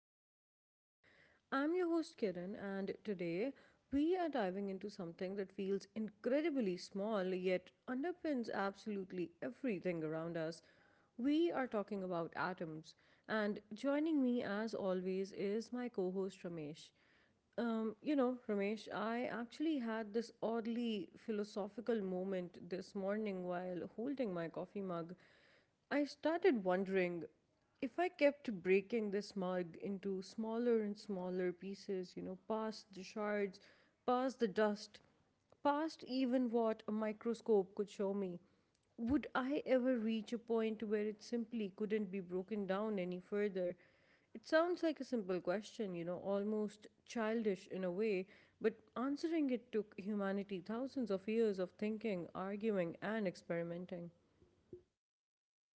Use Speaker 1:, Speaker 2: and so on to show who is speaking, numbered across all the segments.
Speaker 1: Open Mind Pod. I'm your host Kiran, and today we are diving into something that feels incredibly small yet underpins absolutely everything around us. We are talking about atoms, and joining me as always is my co host Ramesh. Ramesh, I actually had this oddly philosophical moment this morning while holding my coffee mug. I started wondering if I kept breaking this mug into smaller and smaller pieces, past the shards, past the dust, past even what a microscope could show me, would I ever reach a point where it simply couldn't be broken down any further? It sounds like a simple question, almost childish in a way, but answering it took humanity thousands of years of thinking, arguing, and experimenting.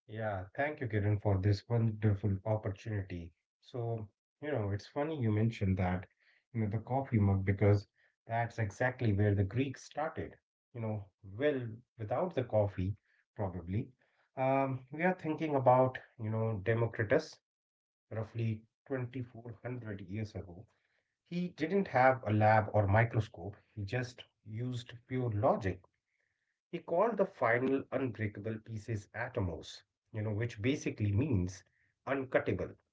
Speaker 2: Yeah, thank you, Kiran, for this wonderful opportunity. So, it's funny you mentioned that, you know, the coffee mug, because that's exactly where the Greeks started. You know, well, without the coffee, probably. We are thinking about, you know, Democritus, roughly 2400 years ago. He didn't have a lab or microscope, he just used pure logic. He called the final unbreakable pieces atomos, you know, which basically means uncuttable.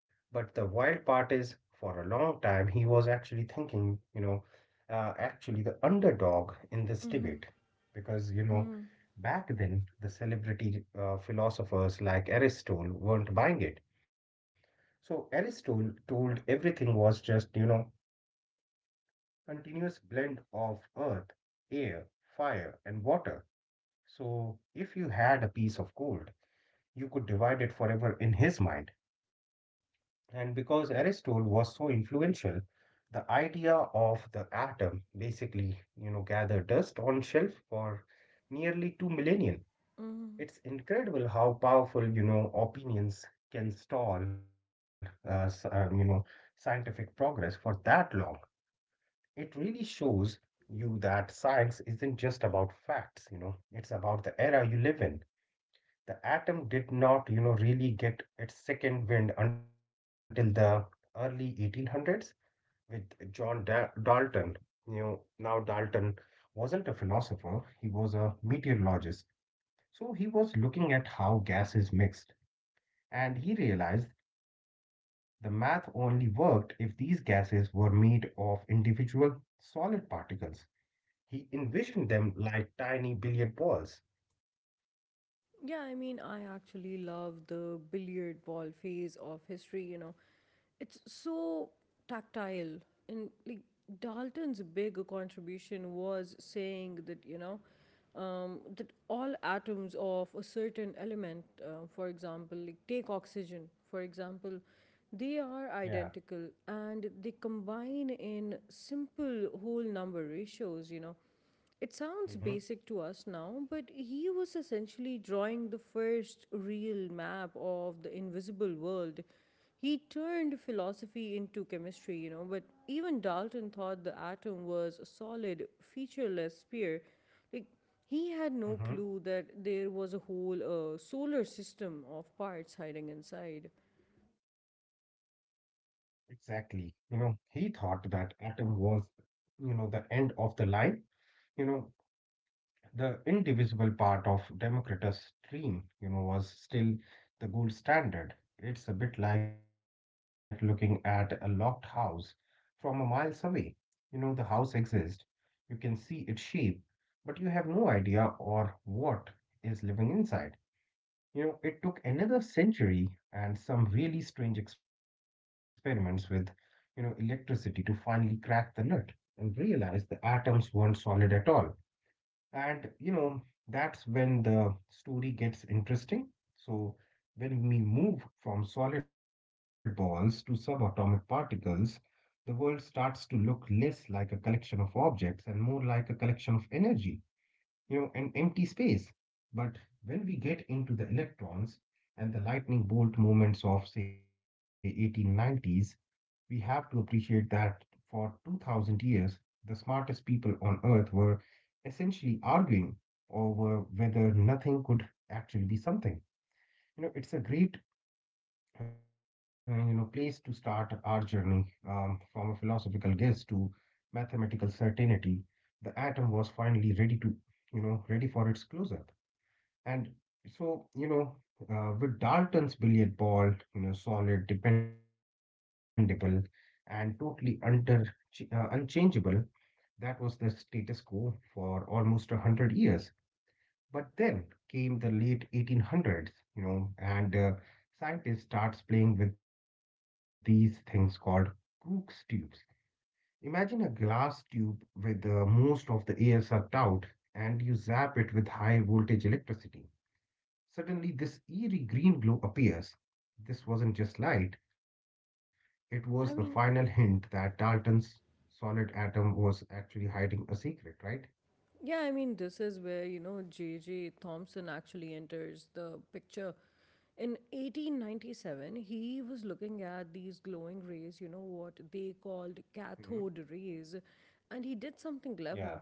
Speaker 2: But the wild part is, for a long time, he was actually thinking, actually the underdog in this
Speaker 1: Hmm.
Speaker 2: debate. Because, you know, back then, the celebrity philosophers like Aristotle weren't buying it. So Aristotle told everything was just, you know, continuous blend of earth, air, fire, and water, so if you had a piece of gold, you could divide it forever in his mind. And because Aristotle was so influential, the idea of the atom basically, you know, gathered dust on shelf for nearly two millennia.
Speaker 1: Mm.
Speaker 2: It's incredible how powerful, you know, opinions can stall, you know, scientific progress for that long. It really shows you that science isn't just about facts, you know, it's about the era you live in. The atom did not, you know, really get its second wind until the early 1800s with Dalton. You know, now Dalton wasn't a philosopher, he was a meteorologist. So he was looking at how gases mixed, and he realized the math only worked if these gases were made of individual solid particles. He envisioned them like tiny billiard balls.
Speaker 1: Yeah, I mean, I actually love the billiard ball phase of history, you know. It's so tactile. And like Dalton's big contribution was saying that, that all atoms of a certain element, for example, like take oxygen, for example,
Speaker 2: Yeah.
Speaker 1: they are identical and they combine in simple whole number ratios, you know. It
Speaker 2: Mm-hmm.
Speaker 1: sounds basic to us now, but he was essentially drawing the first real map of the invisible world. He turned philosophy into chemistry, you know, but even Dalton thought the atom was a solid, featureless sphere. Like, he had no clue
Speaker 2: Mm-hmm.
Speaker 1: that there was a whole solar system of parts hiding inside.
Speaker 2: Exactly. You know, he thought that atom was, you know, the end of the line. You know, the indivisible part of Democritus' dream, you know, was still the gold standard. It's a bit like looking at a locked house from a miles away. You know, the house exists, you can see its shape, but you have no idea or what is living inside. You know, it took another century and some really strange experiments with, you know, electricity to finally crack the nut and realize the atoms weren't solid at all. And, you know, that's when the story gets interesting. So, when we move from solid balls to subatomic particles, the world starts to look less like a collection of objects and more like a collection of energy, you know, an empty space. But when we get into the electrons and the lightning bolt movements of, say, 1890s, we have to appreciate that for 2000 years, the smartest people on Earth were essentially arguing over whether nothing could actually be something. You know, it's a great and you know place to start our journey, from a philosophical guess to mathematical certainty. The atom was finally ready to, you know, ready for its close up. And so, you know, with Dalton's billiard ball, you know, solid, dependable, and totally under, unchangeable, that was the status quo for almost 100 years. But then came the late 1800s, you know, and scientists starts playing with these things called Crookes tubes. Imagine a glass tube with most of the air sucked out, and you zap it with high voltage electricity. Suddenly, this eerie green glow appears. This wasn't just light; it was the final
Speaker 1: I
Speaker 2: hint
Speaker 1: mean,
Speaker 2: that Dalton's solid atom was actually hiding a secret, right?
Speaker 1: Yeah, I mean, this is where, you know, J.J. Thompson actually enters the picture. In 1897, he was looking at these glowing rays, you know, what they
Speaker 2: Mm-hmm.
Speaker 1: called cathode rays, and he did
Speaker 2: Yeah.
Speaker 1: something clever.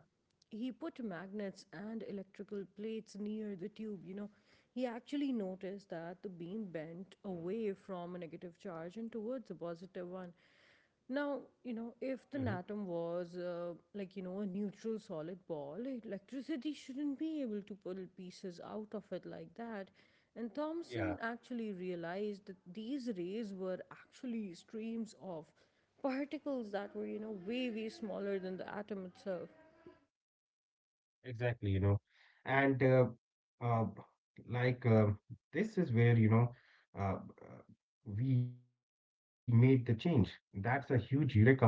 Speaker 1: He put magnets and electrical plates near the tube, you know. He actually noticed that the beam bent away from a negative charge and towards a positive one. Now,
Speaker 2: Mm-hmm.
Speaker 1: you know, if the atom was like, you know, a neutral solid ball, electricity shouldn't be able to pull pieces out of it like that. And
Speaker 2: Yeah.
Speaker 1: Thomson actually realized that these rays were actually streams of particles that were, you know, way smaller than the atom itself.
Speaker 2: Exactly, you know, and uh, like this is where you know, uh, uh, we made the change. That's a huge eureka moment.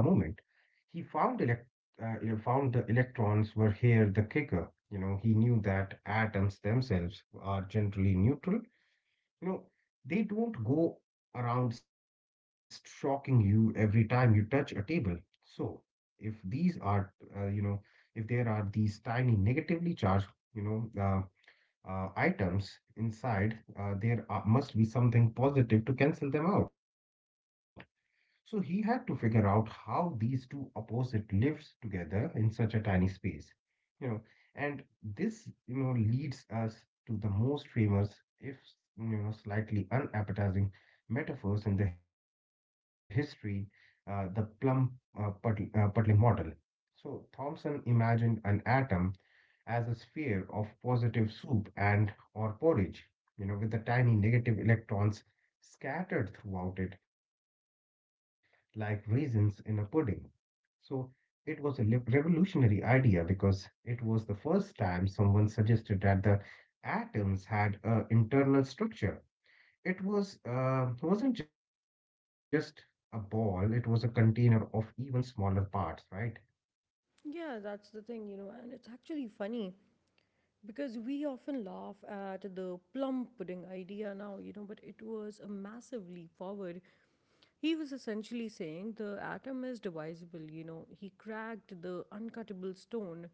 Speaker 2: He found you know, found the electrons were here the kicker. You know, he knew that atoms themselves are generally neutral, you know, they don't go around stalking you every time you touch a table. So, if these are, you know, if there are these tiny negatively charged, you know, uh, items inside, must be something positive to cancel them out. So he had to figure out how these two opposite lives together in such a tiny space. You know, and this, you know, leads us to the most famous, if you know, slightly unappetizing metaphors in the history, the puddling model. So Thomson imagined an atom as a sphere of positive soup and or porridge, you know, with the tiny negative electrons scattered throughout it like raisins in a pudding. So it was a revolutionary idea because it was the first time someone suggested that the atoms had an internal structure. It was wasn't just a ball; it was a container of even smaller parts, right?
Speaker 1: Yeah, that's the thing, you know, and it's actually funny because we often laugh at the plum pudding idea now, you know, but it was a massive leap forward. He was essentially saying the atom is divisible, you know, he cracked the uncuttable stone.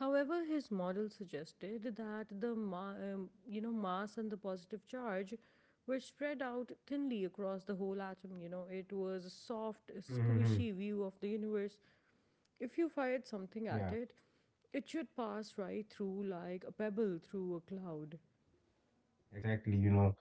Speaker 1: However, his model suggested that you know, mass and the positive charge were spread out thinly across the whole atom. You know, it was a soft,
Speaker 2: Hmm.
Speaker 1: squishy view of the universe. If you fired
Speaker 2: Yeah,
Speaker 1: something at it, it should pass right through like a pebble through a cloud.
Speaker 2: exactly. You know,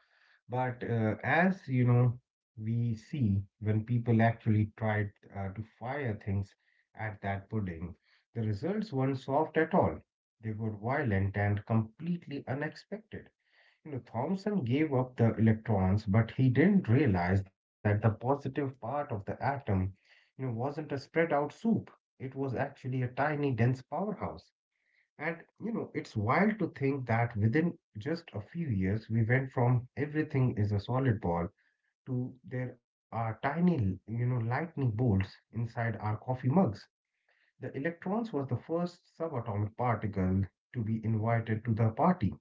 Speaker 2: but as you know, we see when people actually tried to fire things at that pudding, the results weren't soft at all. They were violent and completely unexpected. You know, Thomson gave up the electrons, but he didn't realize that the positive part of the atom, you know, wasn't a spread out soup. It was actually a tiny, dense powerhouse. And you know, it's wild to think that within just a few years, we went from everything is a solid ball to there are tiny, you know, lightning bolts inside our coffee mugs. The electrons was the first subatomic particle to be invited to the party,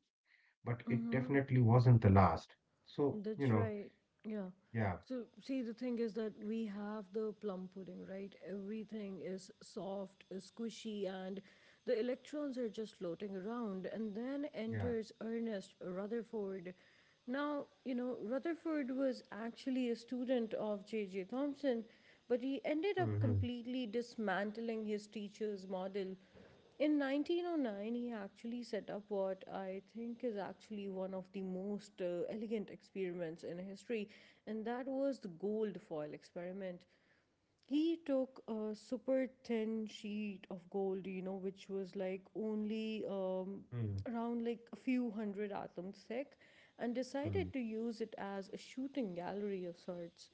Speaker 2: but it definitely wasn't the last. So, you
Speaker 1: That's
Speaker 2: know,
Speaker 1: right. Yeah.
Speaker 2: yeah,
Speaker 1: So, see, the thing is that we have the plum pudding, right? Everything is soft, squishy, and the electrons are just floating around. And then
Speaker 2: yeah.
Speaker 1: enters Ernest Rutherford. Now, you know, Rutherford was actually a student of J.J. Thomson, but he ended
Speaker 2: Hmm.
Speaker 1: up completely dismantling his teacher's model. In 1909, he actually set up what I think is actually one of the most elegant experiments in history, and that was the gold foil experiment. He took a super thin sheet of gold, you know, which was like only
Speaker 2: Hmm.
Speaker 1: around like a few hundred atoms thick, and decided to use it as a shooting gallery of sorts.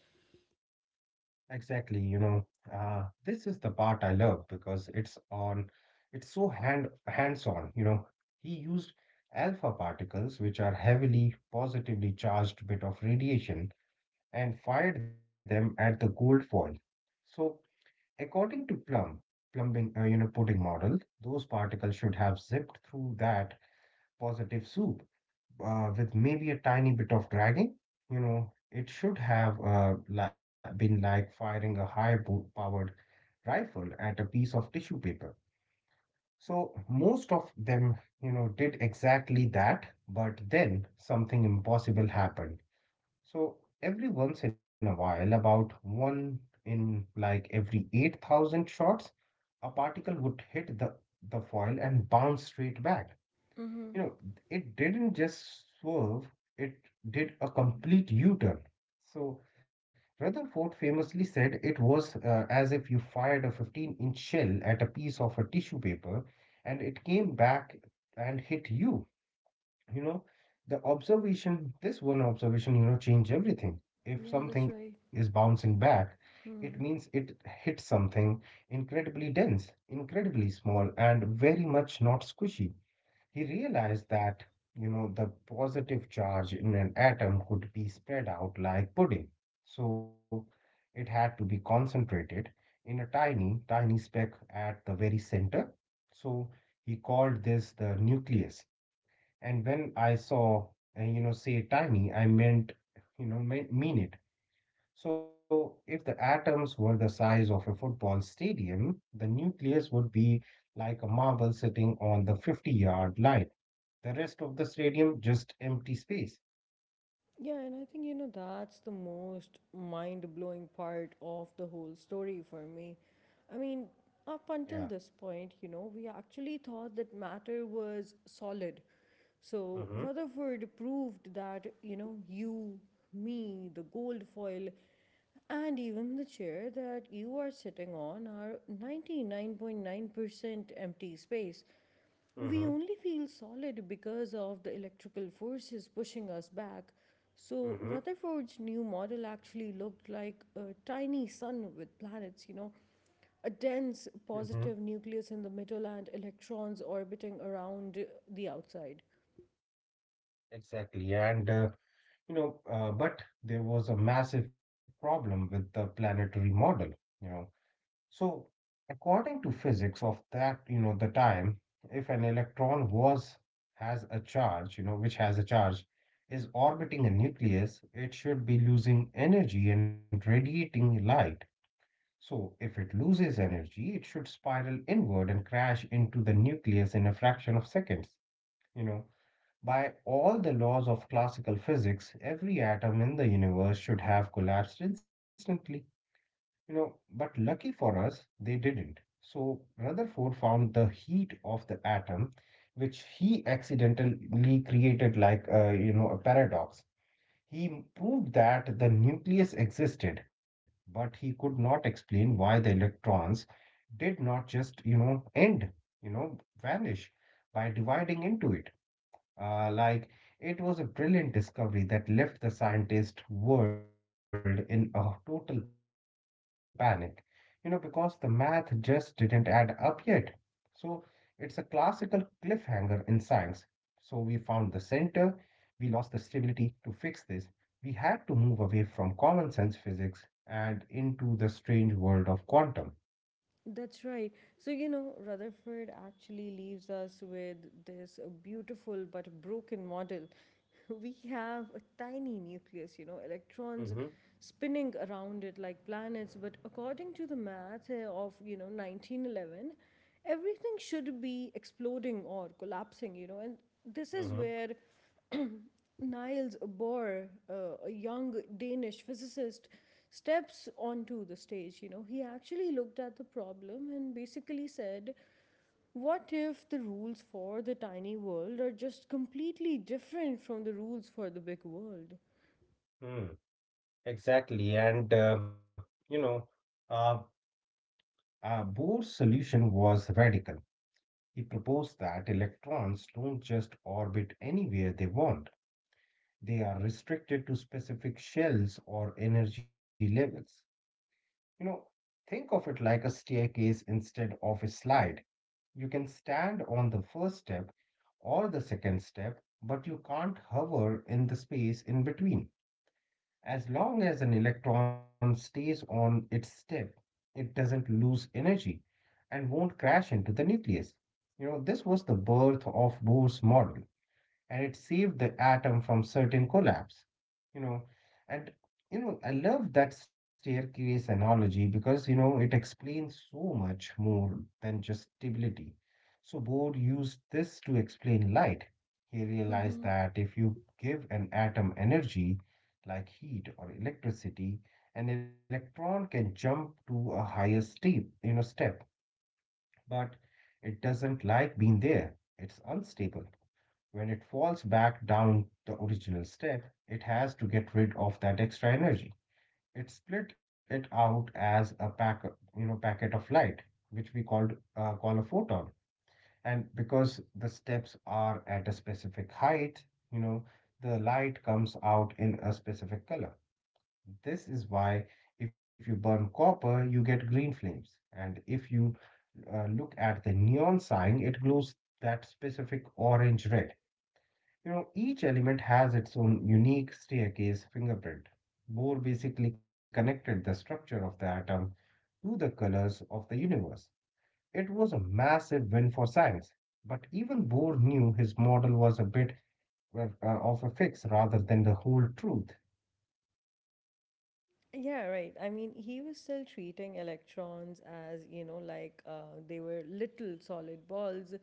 Speaker 2: Exactly, you know, this is the part I love because it's so hands-on, you know. He used alpha particles, which are heavily positively charged bit of radiation, and fired them at the gold foil. So, according to you know, pudding model, those particles should have zipped through that positive soup, with maybe a tiny bit of dragging. You know, it should have been like firing a high powered rifle at a piece of tissue paper. So, most of them, you know, did exactly that, but then something impossible happened. So, every once in a while, about one in like every 8,000 shots, a particle would hit the foil and bounce straight back.
Speaker 1: Mm-hmm.
Speaker 2: You know, it didn't just swerve, it did a complete U turn. So, Rutherford famously said it was as if you fired a 15-inch shell at a piece of a tissue paper and it came back and hit you. You know, this one observation, you know, changed everything. If
Speaker 1: Yeah, that's
Speaker 2: something is
Speaker 1: right.
Speaker 2: bouncing back, it means
Speaker 1: Hmm.
Speaker 2: it hit something incredibly dense, incredibly small, and very much not squishy. He realized that, you know, the positive charge in an atom could be spread out like pudding. So it had to be concentrated in a tiny, tiny speck at the very center. So he called this the nucleus. And when I you know, say tiny, I meant, you know, mean it. So if the atoms were the size of a football stadium, the nucleus would be like a marble sitting on the 50-yard line. The rest of the stadium just empty space.
Speaker 1: Yeah, and I think, you know, that's the most mind blowing part of the whole story for me. I mean, up
Speaker 2: Yeah.
Speaker 1: until this point, you know, we actually thought that matter was solid. So
Speaker 2: Mm-hmm.
Speaker 1: Rutherford proved that, you know, you, me, the gold foil, and even the chair that you are sitting on are 99.9% empty space. We
Speaker 2: Mm-hmm.
Speaker 1: only feel solid because of the electrical forces pushing us back. So
Speaker 2: Mm-hmm.
Speaker 1: Rutherford's new model actually looked like a tiny sun with planets, you know, a dense
Speaker 2: Hmm.
Speaker 1: positive nucleus in the middle and electrons orbiting around the outside.
Speaker 2: Exactly. And, you know, but there was a massive problem with the planetary model, you know. So, according to physics of that, you know, the time, if an electron was, has a charge, you know, which has a charge, is orbiting a nucleus, it should be losing energy and radiating light. So, if it loses energy, it should spiral inward and crash into the nucleus in a fraction of seconds. You know, by all the laws of classical physics, every atom in the universe should have collapsed instantly. You know, but lucky for us, they didn't. So, Rutherford found the heat of the atom, which he accidentally created like, you know, a paradox. He proved that the nucleus existed, but he could not explain why the electrons did not just, you know, end, you know, vanish by dividing into it. Like, it was a brilliant discovery that left the scientist world in a total panic, you know, because the math just didn't add up yet. So, it's a classical cliffhanger in science. So, we found the center, we lost the stability to fix this. We had to move away from common sense physics and into the strange world of quantum.
Speaker 1: That's right. So, you know, Rutherford actually leaves us with this beautiful but broken model. We have a tiny nucleus, you know, electrons
Speaker 2: Mm-hmm.
Speaker 1: spinning around it like planets. But according to the math of, you know, 1911, everything should be exploding or collapsing, you know, and this is
Speaker 2: Mm-hmm.
Speaker 1: where Niels Bohr, a young Danish physicist, steps onto the stage. You know, he actually looked at the problem and basically said, what if the rules for the tiny world are just completely different from the rules for the big world?
Speaker 2: Mm. Exactly. And, you know, uh, Bohr's solution was radical. He proposed that electrons don't just orbit anywhere they want, they are restricted to specific shells or energy levels. You know, think of it like a staircase instead of a slide. You can stand on the first step or the second step, but you can't hover in the space in between. As long as an electron stays on its step, it doesn't lose energy and won't crash into the nucleus. You know, this was the birth of Bohr's model, and it saved the atom from certain collapse. You know, and I love that staircase analogy because it explains so much more than just stability. So Bohr used this to explain light. He realized
Speaker 1: Hmm.
Speaker 2: that if you give an atom energy, like heat or electricity, an electron can jump to a higher step, but it doesn't like being there. It's unstable. When it falls back down the original step, it has to get rid of that extra energy. It split it out as a packet, packet of light, which we call a photon. And because the steps are at a specific height, you know, the light comes out in a specific color. This is why if you burn copper, you get green flames, and if you look at the neon sign, it glows that specific orange red. You know, each element has its own unique staircase fingerprint. Bohr basically connected the structure of the atom to the colors of the universe. It was a massive win for science, but even Bohr knew his model was a bit of a fix rather than the whole truth.
Speaker 1: Yeah, right. I mean, he was still treating electrons as, you know, like they were little solid balls,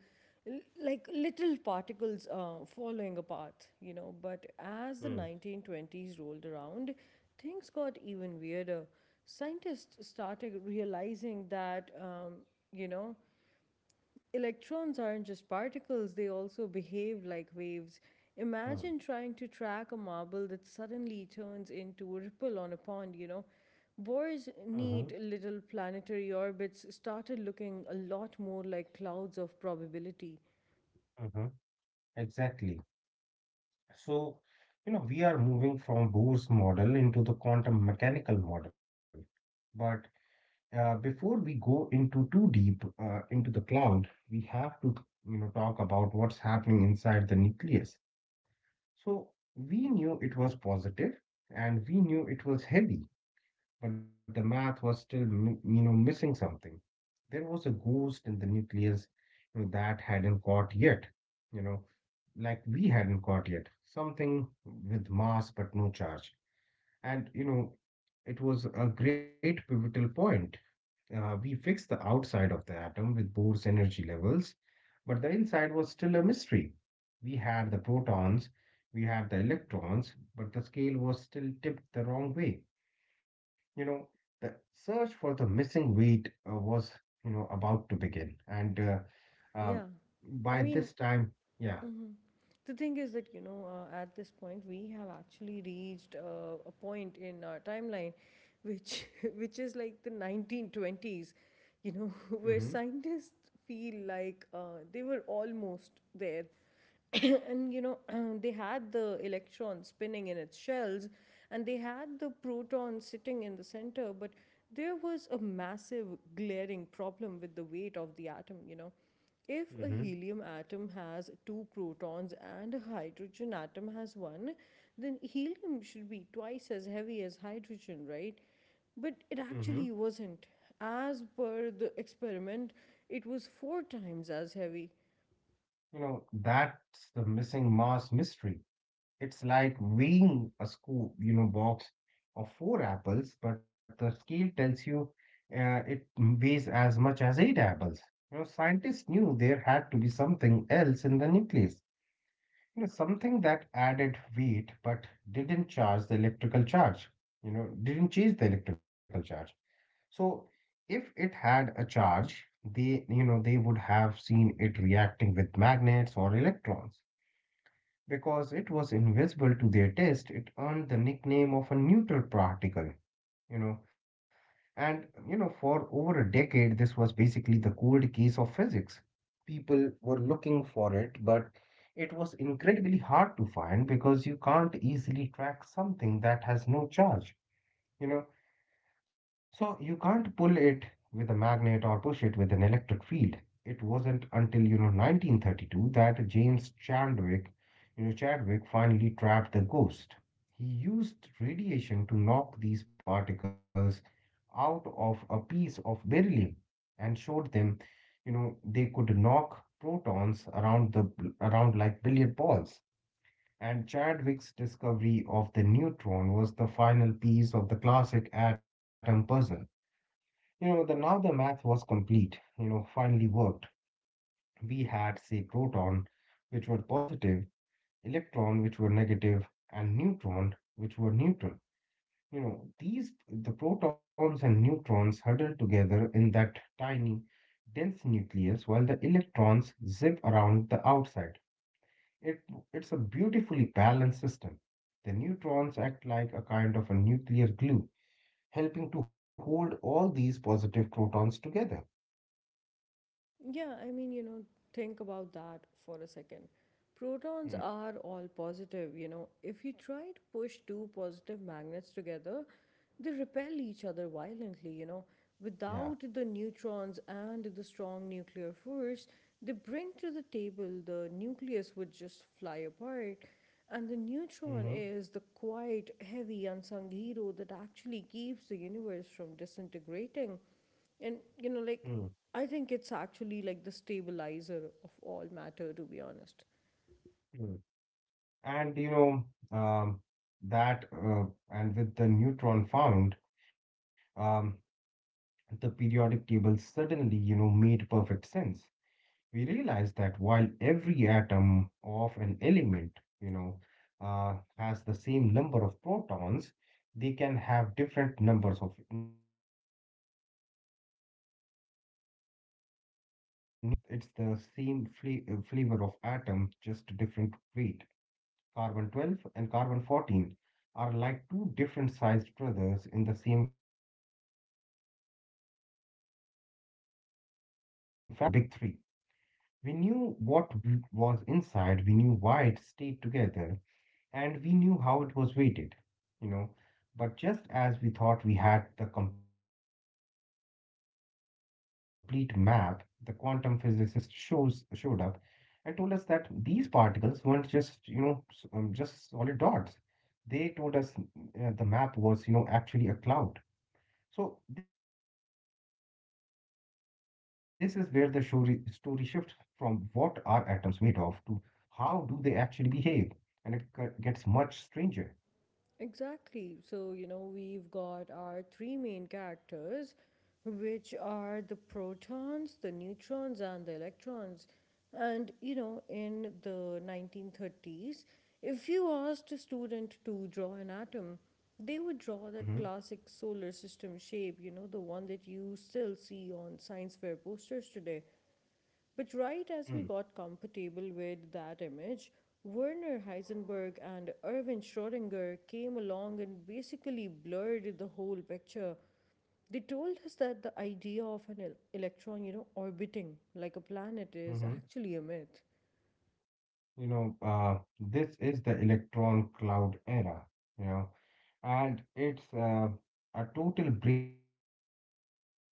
Speaker 1: like little particles following a path, you know. But as the
Speaker 2: Hmm.
Speaker 1: 1920s rolled around, things got even weirder. Scientists started realizing that, you know, electrons aren't just particles, they also behave like waves.
Speaker 2: Mm-hmm.
Speaker 1: Imagine trying to track a marble that suddenly turns into a ripple on a pond, you know. Bohr's
Speaker 2: Hmm. Mhm.
Speaker 1: neat little planetary orbits started looking a lot more like clouds of probability.
Speaker 2: Mhm. Exactly. So, we are moving from Bohr's model into the quantum mechanical model. But before we go into too deep into the cloud, we have to, talk about what's happening inside the nucleus. So we knew it was positive and we knew it was heavy, but the math was still missing something. There was a ghost in the nucleus, that hadn't caught yet, you know like we hadn't got yet. Something with mass but no charge. And it was a great pivotal point. We fixed the outside of the atom with Bohr's energy levels, but the inside was still a mystery. We had the protons, we had the electrons, but the scale was still tipped the wrong way. You know, the search for the missing weight was, about to begin. And um
Speaker 1: Yeah. I
Speaker 2: by
Speaker 1: mean,
Speaker 2: this time, yeah.
Speaker 1: Mhm. The thing is that, you know, at this point, we have actually reached a point in our timeline which, which is like the 1920s, you know, where scientists feel like they were almost there. And, you know, they had the electron spinning in its shells and they had the proton sitting in the center, but there was a massive glaring problem with the weight of the atom, you know. If a
Speaker 2: Hmm.
Speaker 1: helium atom has two protons and a hydrogen atom has one, then helium should be twice as heavy as hydrogen, right? But it
Speaker 2: Hmm.
Speaker 1: actually wasn't. As per the experiment, it was four times as heavy.
Speaker 2: You know, that's the missing Mars mystery. It's like weighing a box of four apples, but the scale tells you it weighs as much as eight apples. You know, scientists knew there had to be something else in the nucleus. You know, something that added weight but didn't charge the electrical charge. You know, didn't change the electrical charge. So if it had a charge, they would have seen it reacting with magnets or electrons. Because it was invisible to their test, it earned the nickname of a neutral particle, you know. And, for over a decade, this was basically the cold case of physics. People were looking for it, but it was incredibly hard to find because you can't easily track something that has no charge. You know, so you can't pull it with a magnet or push it with an electric field. It wasn't until 1932 that James Chadwick, you know Chadwick finally trapped the ghost. He used radiation to knock these particles out of a piece of beryllium and showed them, they could knock protons around like billiard balls. And Chadwick's discovery of the neutron was the final piece of the classic atom puzzle. You know, the now the math was complete, finally worked. We had, say, proton, which were positive, electron, which were negative, and neutron, which were neutral. The protons and neutrons huddle together in that tiny, dense nucleus while the electrons zip around the outside. It, it's a beautifully balanced system. The neutrons act like a kind of a nuclear glue, helping to hold all these positive protons together.
Speaker 1: Yeah, I mean, you know, think about that for a second. Protons
Speaker 2: Hmm.
Speaker 1: are all positive, you know. If you try to push two positive magnets together, they repel each other violently, you know. Without
Speaker 2: Yeah.
Speaker 1: the neutrons and the strong nuclear force, they bring to the table the nucleus would just fly apart. And the neutron
Speaker 2: Mm-hmm.
Speaker 1: is the quiet, heavy, unsung hero that actually keeps the universe from disintegrating. And you know, like
Speaker 2: Mm.
Speaker 1: I think it's actually like the stabilizer of all matter, to be honest.
Speaker 2: Mm. And you know, um, that and with the neutron found, um, the periodic table suddenly, made perfect sense. We realized that while every atom of an element, you know, has the same number of protons, they can have different numbers of neutrons. So we call these isotopes. It's the same flavor of atom, just different weight. Carbon 12 and carbon 14 are like two different sized brothers in the same family. And by 1932, we finally had the big three. We knew what was inside, we knew why it stayed together, and we knew how it was weighted, you know. But just as we thought we had the complete map, the quantum physicist shows showed up and told us that these particles weren't just, just solid dots. They told us the map was, actually a cloud. So this is where the story shifts from what are atoms made of to how do they actually behave, and it gets much stranger.
Speaker 1: Exactly. So, you know, we've got our three main characters, which are the protons, the neutrons, and the electrons. And, you know, in the 1930s, if you asked a student to draw an atom, they would
Speaker 2: Mm-hmm.
Speaker 1: draw that classic solar system shape, you know, the one that you still see on science fair posters today. But right as we got comfortable with that image, Werner Heisenberg and Erwin Schrödinger came along and basically blurred the whole picture. They told us that the idea of an electron, you know, orbiting like a planet
Speaker 2: Mm-hmm.
Speaker 1: is actually a myth.
Speaker 2: This is the electron cloud era. You know, and it's a total brain bender.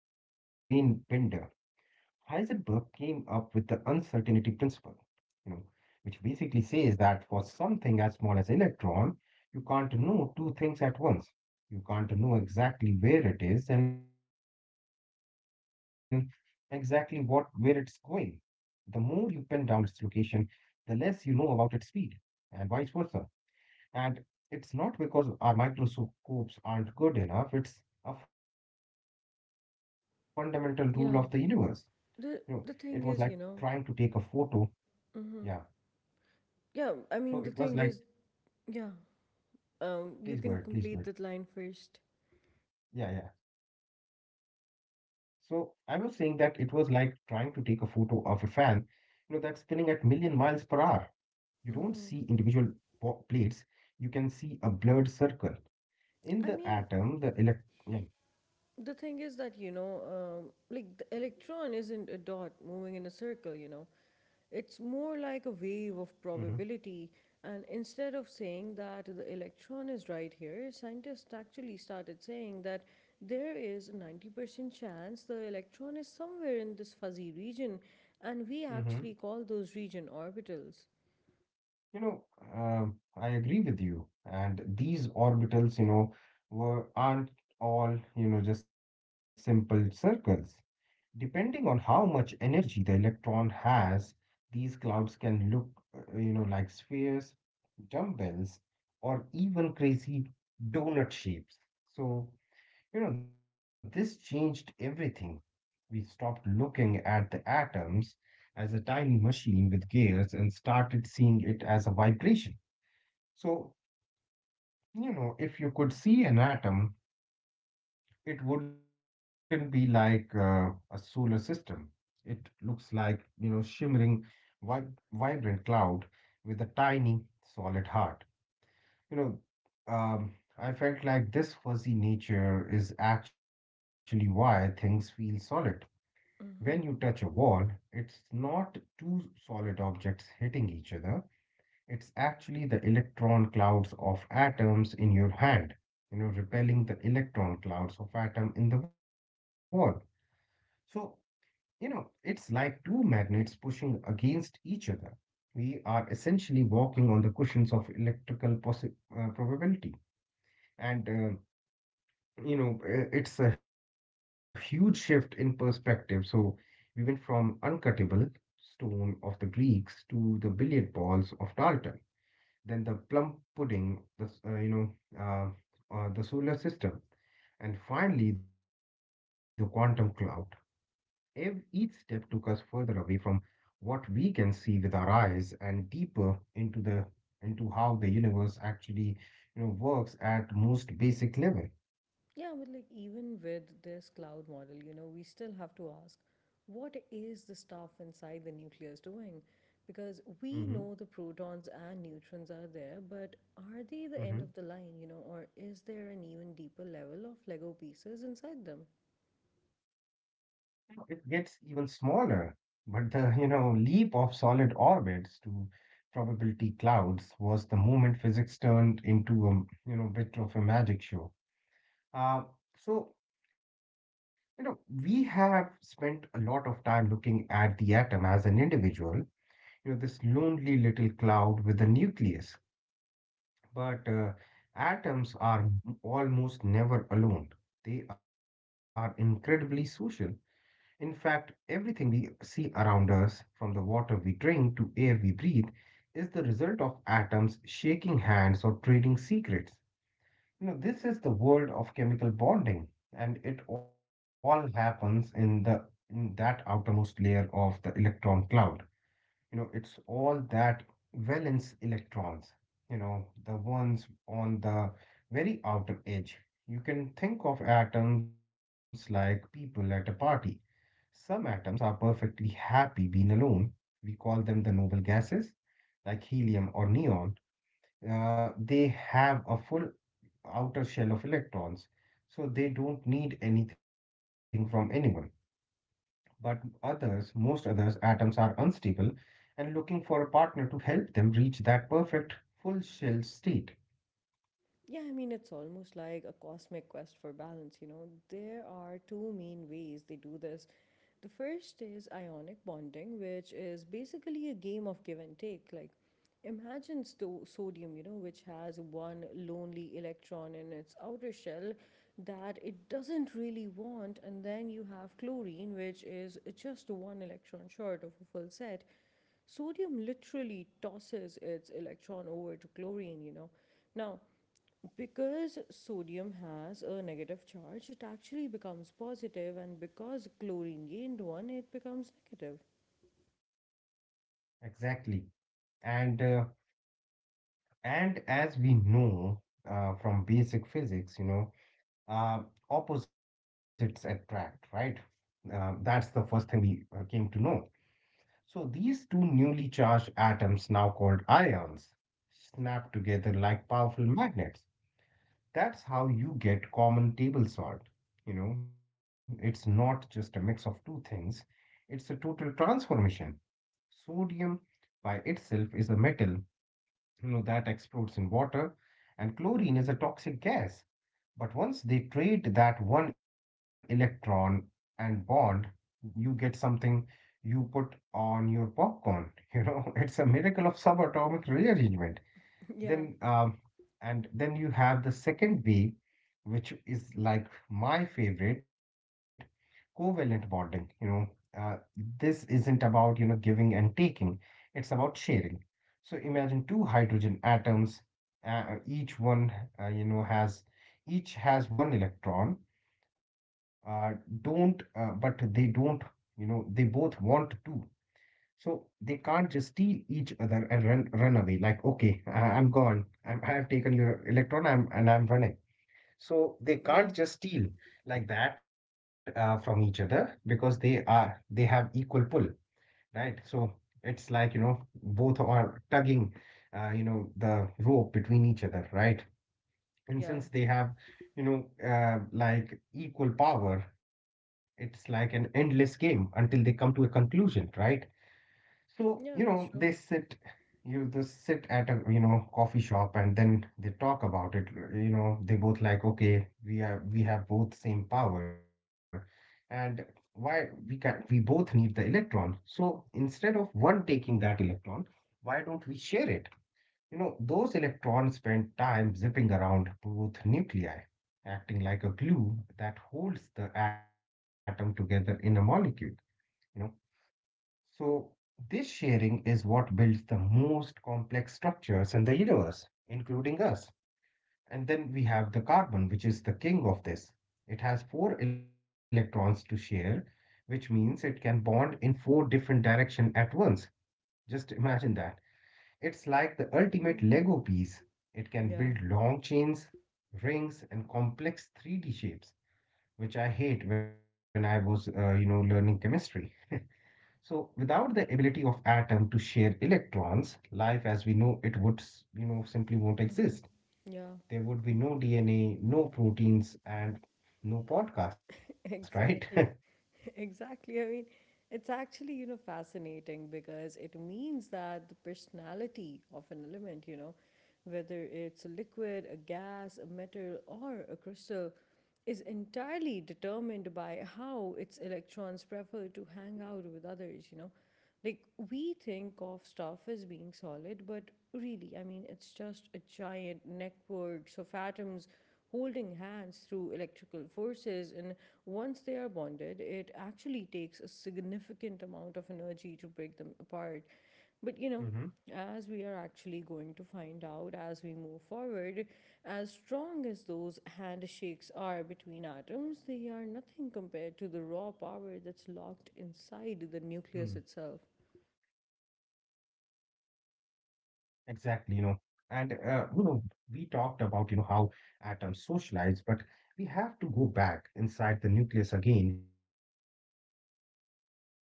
Speaker 2: Heisenberg came up with the uncertainty principle, you know, which basically says that for something as small as electron, you can't know two things at once. You can't know exactly where it is and exactly what where it's going. The more you pin down its location, the less you know about its speed, and vice versa. And it's not because our microscopes aren't good enough, it's a fundamental rule of the universe. You know, it
Speaker 1: Yeah.
Speaker 2: was like trying to
Speaker 1: The
Speaker 2: take a
Speaker 1: the thing is,
Speaker 2: photo.
Speaker 1: you know,
Speaker 2: Yeah. So
Speaker 1: yeah,
Speaker 2: it was
Speaker 1: I mean
Speaker 2: like
Speaker 1: the thing is, yeah.
Speaker 2: please go
Speaker 1: Um,
Speaker 2: ahead.
Speaker 1: you
Speaker 2: Please
Speaker 1: can
Speaker 2: go ahead.
Speaker 1: complete that line first.
Speaker 2: Yeah, yeah. So I was saying that it was like trying to take a photo of a fan, that's spinning at million miles per hour. You don't see individual plates. You can see a blurred circle. In the
Speaker 1: I mean,
Speaker 2: atom, the elect. Yeah.
Speaker 1: The thing is that, you know, like the electron isn't a dot moving in a circle, you know. It's more
Speaker 2: Mm-hmm.
Speaker 1: like a wave of probability. And instead of saying that the electron is right here, scientists actually started saying that there is a 90% chance the electron is somewhere in this fuzzy region. And we
Speaker 2: Mm-hmm.
Speaker 1: actually call those region orbitals.
Speaker 2: You know, I agree with you. And these orbitals, you know, were aren't all, just simple circles. Depending on how much energy the electron has, these clouds can look, like spheres, dumbbells, or even crazy donut shapes. So, this changed everything. We stopped looking at the atoms as a tiny machine with gears and started seeing it as a vibration. So, if you could see an atom, it wouldn't be like a solar system. It looks like, shimmering, vibrant cloud with a tiny, solid heart. You know, I felt like this fuzzy nature is actually why things feel solid. When you touch a wall, it's not two solid objects hitting each other. It's actually the electron clouds of atoms in your hand, repelling the electron clouds of atom in the wall. So it's like two magnets pushing against each other. We are essentially walking on the cushions of electrical probability. And, uh, it's a huge shift in perspective. So we went from uncuttable stone of the Greeks to the billiard balls of Dalton, then the plum pudding, the, s- you know, the solar system, and finally the quantum cloud. Each step took us further away from what we can see with our eyes and deeper into how the universe actually works at most basic level.
Speaker 1: Yeah, but like even with this cloud model, you know, we still have to ask what is the stuff inside the nucleus doing? Because
Speaker 2: Mm-hmm.
Speaker 1: we know the protons and neutrons are there, but are they the
Speaker 2: Mm-hmm.
Speaker 1: end of the line, you know, or is there an even deeper level of Lego pieces inside them?
Speaker 2: You know, it gets even smaller, but the leap of solid orbits to probability clouds was the moment physics turned into a bit of a magic show. Uh, so You know, we have spent a lot of time looking at the atom as an individual, this lonely little cloud with a nucleus. But atoms are almost never alone. They are incredibly social. In fact, everything we see around us, from the water we drink to air we breathe, is the result of atoms shaking hands or trading secrets. You know, this is the world of chemical bonding, and it all happens in that outermost layer of the electron cloud. You know, it's all that valence electrons, the ones on the very outer edge. You can think of atoms like people at a party. Some atoms are perfectly happy being alone. We call them the noble gases, like helium or neon. They have a full outer shell of electrons, so they don't need anything from anyone. But others, most others, atoms are unstable and looking for a partner to help them reach that perfect full shell state.
Speaker 1: Yeah, I mean, it's almost like a cosmic quest for balance, you know. There are two main ways they do this. The first is ionic bonding, which is basically a game of give and take. Like, imagine sodium, you know, which has one lonely electron in its outer shell that it doesn't really want, and then you have chlorine, which is just one electron short of a full set. Sodium literally tosses its electron over to chlorine, you know. Now, because sodium has a negative charge, it actually becomes positive, and because chlorine gained one, it becomes negative.
Speaker 2: Exactly. And uh, and as we know from basic physics, uh, opposites attract, right? That's the first thing we came to know. So these two newly charged atoms, now called ions, snap together like powerful magnets. That's how you get common table salt. You know, it's not just a mix of two things, it's a total transformation. Sodium by itself is a metal, that explodes in water, and chlorine is a toxic gas. But once they trade that one electron and bond, you get something you put on your popcorn. It's a miracle of subatomic rearrangement.
Speaker 1: Yeah,
Speaker 2: Then, um, then you have the second way, which is like my favorite, covalent bonding. Uh, this isn't about, giving and taking, it's about sharing. So imagine two hydrogen atoms, each one, you know, has each has one electron, uh, don't, but they don't, they both want to. So they can't just steal each other and run away. Like, okay, I'm gone. I'm, I've taken your electron. I'm and I'm running. So they
Speaker 1: yeah,
Speaker 2: can't just steal, like that from each other because they have equal pull, right? So it's like, both are tugging, the rope between each other, right? And
Speaker 1: yeah,
Speaker 2: since they have, like equal power, it's like an endless game until they come to a conclusion, right? So,
Speaker 1: yeah, that's true.
Speaker 2: you They sit at a, coffee shop and then they talk about it. You know, they both like, okay, we have both same power and why we both need the electron. So instead of one taking that electron, why don't we share it? You know, those electrons spend time zipping around both nuclei, acting like a glue that holds the atom together in a molecule. You know, so, this sharing is what builds the most complex structures in the universe, including us. And then we have the carbon, which is the king of this. It has four electrons to share, which means it can bond in four different directions at once. Just imagine that. It's like the ultimate
Speaker 1: Mm-hmm.
Speaker 2: Lego piece. It can
Speaker 1: Yeah,
Speaker 2: build long chains, rings, and complex 3D shapes, which I hate when I was, learning chemistry. So, without the ability of atom to share electrons, life as we know it would, simply won't
Speaker 1: mm-hmm,
Speaker 2: exist.
Speaker 1: yeah,
Speaker 2: There would be no DNA, no proteins, and no podcast, right?
Speaker 1: exactly. Exactly. I mean, it's actually, you know, fascinating because it means that the personality of an element, you know, whether it's a liquid, a gas, a metal, or a crystal, is entirely determined by how its electrons prefer to hang out with others, you know. Like, we think of stuff as being solid, but really, it's just a giant networks of atoms holding hands through electrical forces. And once they are bonded, it actually takes a significant amount of energy to break them apart. But
Speaker 2: Mm-hmm.
Speaker 1: as we are actually going to find out as we move forward, as strong as those handshakes are between atoms, they are nothing compared to
Speaker 2: Mm.
Speaker 1: the raw power that's locked inside the nucleus itself.
Speaker 2: Exactly, you know. And we talked about, how atoms socialize, but we have to go back inside the nucleus again for a second time, right? Please don't be scared.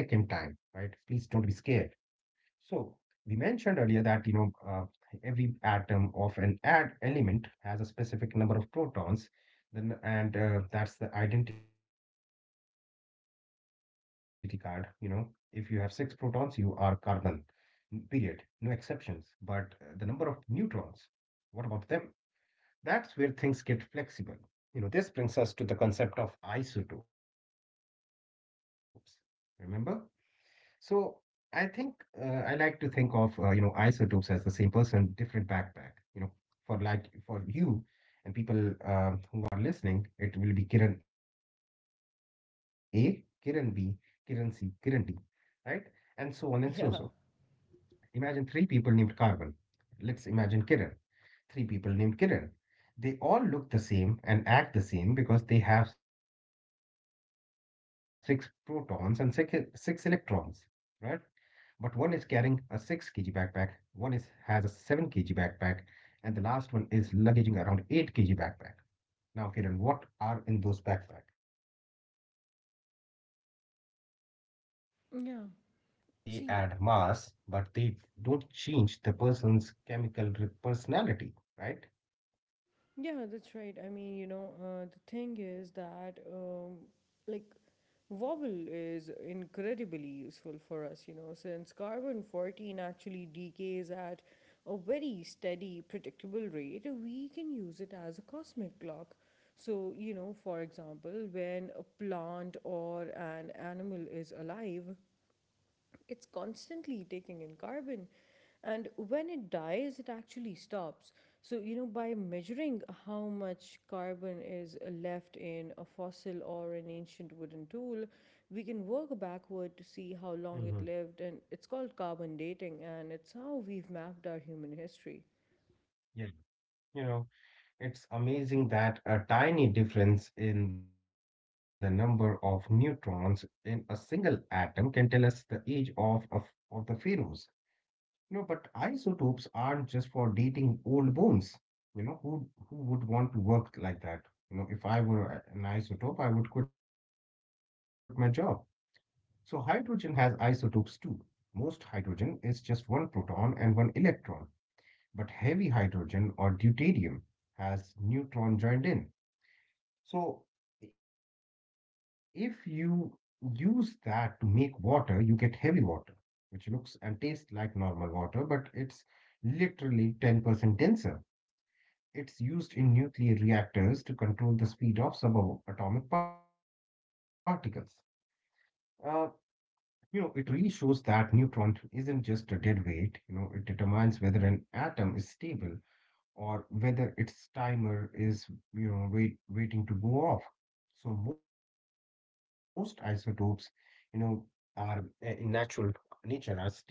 Speaker 2: So we mentioned earlier that every atom of an ad element has a specific number of protons. Then and That's the identity card. You know, if you have six protons, you are carbon. Period. No exceptions. But the number of neutrons. What about them? That's where things get flexible. You know, this brings us to the concept of isotopes. Remember? So I think uh, I like to think of isotopes as the same person, different backpack. You know, for for you and people who are listening, it will be Kiran A, Kiran B, Kiran C, Kiran D, right? And so on and so.
Speaker 1: yeah
Speaker 2: Imagine three people named Carbon. Let's imagine Kiran. Three people named Kiran. They all look the same and act the same because they have six protons and six electrons, right? But one is carrying a 6 kg backpack, one is has a 7 kg backpack, and the last one is luggaging around 8 kg backpack. Now, Kiran, what are in those backpacks? So, those backpacks are the neutrons.
Speaker 1: yeah.
Speaker 2: They add mass,
Speaker 1: See.
Speaker 2: but they don't change the person's personality, right?
Speaker 1: Yeah, that's right. I mean, you know, the thing is that, like, Wobble is incredibly useful for us, you know, since carbon 14 actually decays at a very steady, predictable rate. We can use it as a cosmic clock. So, you know, for example, when a plant or an animal is alive, it's constantly taking in carbon, and when it dies it actually stops. So, you know, by measuring how much carbon is left in a fossil or an ancient wooden tool, we can work backward to see how long
Speaker 2: Hmm.
Speaker 1: it lived. And it's called carbon dating, and it's how we've mapped our human history.
Speaker 2: Yeah. You know, it's amazing that a tiny difference in the number of neutrons in a single atom can tell us the age of the pharaohs. You know, but isotopes aren't just for dating old bones. You know, who would want to work like that? You know, if I were an isotope, I would quit my job. So hydrogen has isotopes too. Most hydrogen is just one proton and one electron, but heavy hydrogen or deuterium has neutron joined in, so if you use that to make water, you get heavy water, which looks and tastes like normal water, but it's literally 10% denser. It's used in nuclear reactors to control the speed of subatomic particles. Uh, it really shows that neutron isn't just a dead weight, you know, it determines whether an atom is stable or whether its timer is, waiting to go off. So most isotopes, you know, are in natural nature are stable.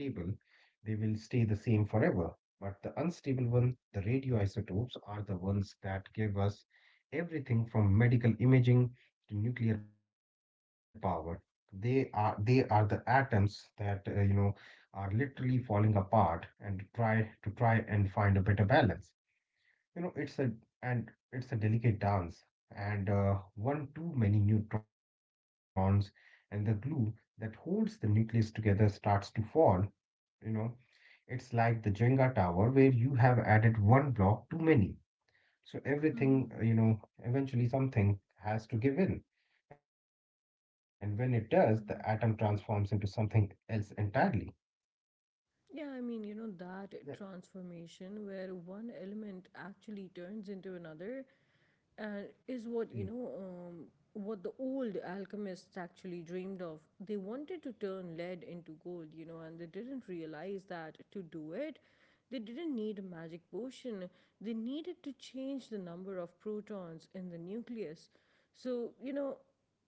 Speaker 2: They will stay the same forever. But the unstable one, the radioisotopes, are the ones that give us everything from medical imaging to nuclear power. They are the atoms that are literally falling apart and try and find a better balance. You know, it's a And it's a delicate dance, and one too many neutrons and the glue that holds the nucleus together starts to fall. You know, it's like the Jenga tower where you have added one block too many. So everything,
Speaker 1: Hmm.
Speaker 2: eventually something has to give in. And when it does, the atom transforms into
Speaker 1: Hmm.
Speaker 2: something else entirely.
Speaker 1: Yeah, I mean, you
Speaker 2: Yeah.
Speaker 1: know, that transformation where one element actually turns into another and
Speaker 2: Mm.
Speaker 1: is what the old alchemists actually dreamed of. They wanted to turn lead into gold, you know, and they didn't realize that to do it, they didn't need a magic potion. They needed to change the number of protons in the nucleus. So, you know,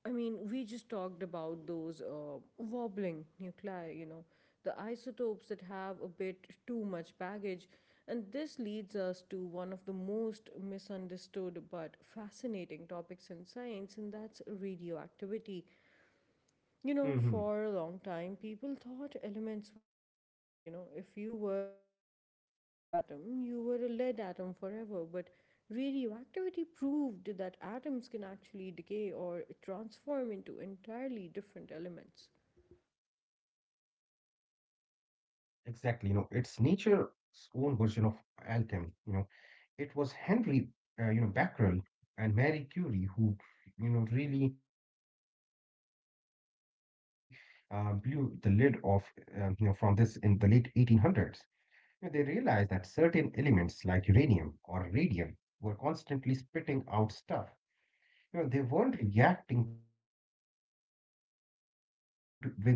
Speaker 1: we just talked about those wobbling nuclei, you know, the isotopes that have a bit too much baggage. And this leads us to one of the most misunderstood but fascinating topics in science, and that's radioactivity. You
Speaker 2: Mhm.
Speaker 1: know, for a long time, people thought elements were permanent. You know, if you were a lead atom, you were a lead atom forever. But radioactivity proved that atoms can actually decay or transform into entirely different elements.
Speaker 2: Exactly, you know, it's nature's own version of alchemy, you know. It was Henry, Becquerel and Marie Curie who, you know, really blew the lid off, from this in the late 1800s. You know, they realized that certain elements like uranium or radium were constantly spitting out stuff. You know, they weren't reacting to, with other chemicals, they were crumbling from the inside.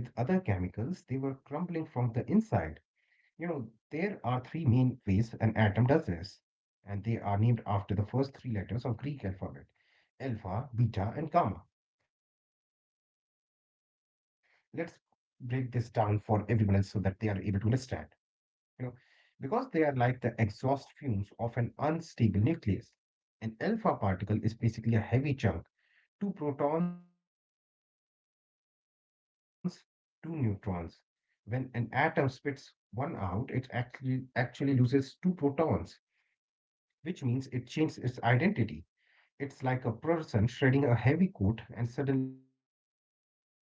Speaker 2: You know, there are three main ways an atom does this, and they are named after the first three letters of Greek alphabet, alpha, beta, and gamma. Let's break this down for everyone else so that they are able to understand. You know, because they are like the exhaust fumes of an unstable nucleus. An alpha particle is basically a heavy chunk, two protons, two neutrons, when an atom spits one out, it actually loses two protons, which means it changes its identity. It's like a person shredding a heavy coat and suddenly becoming a different person.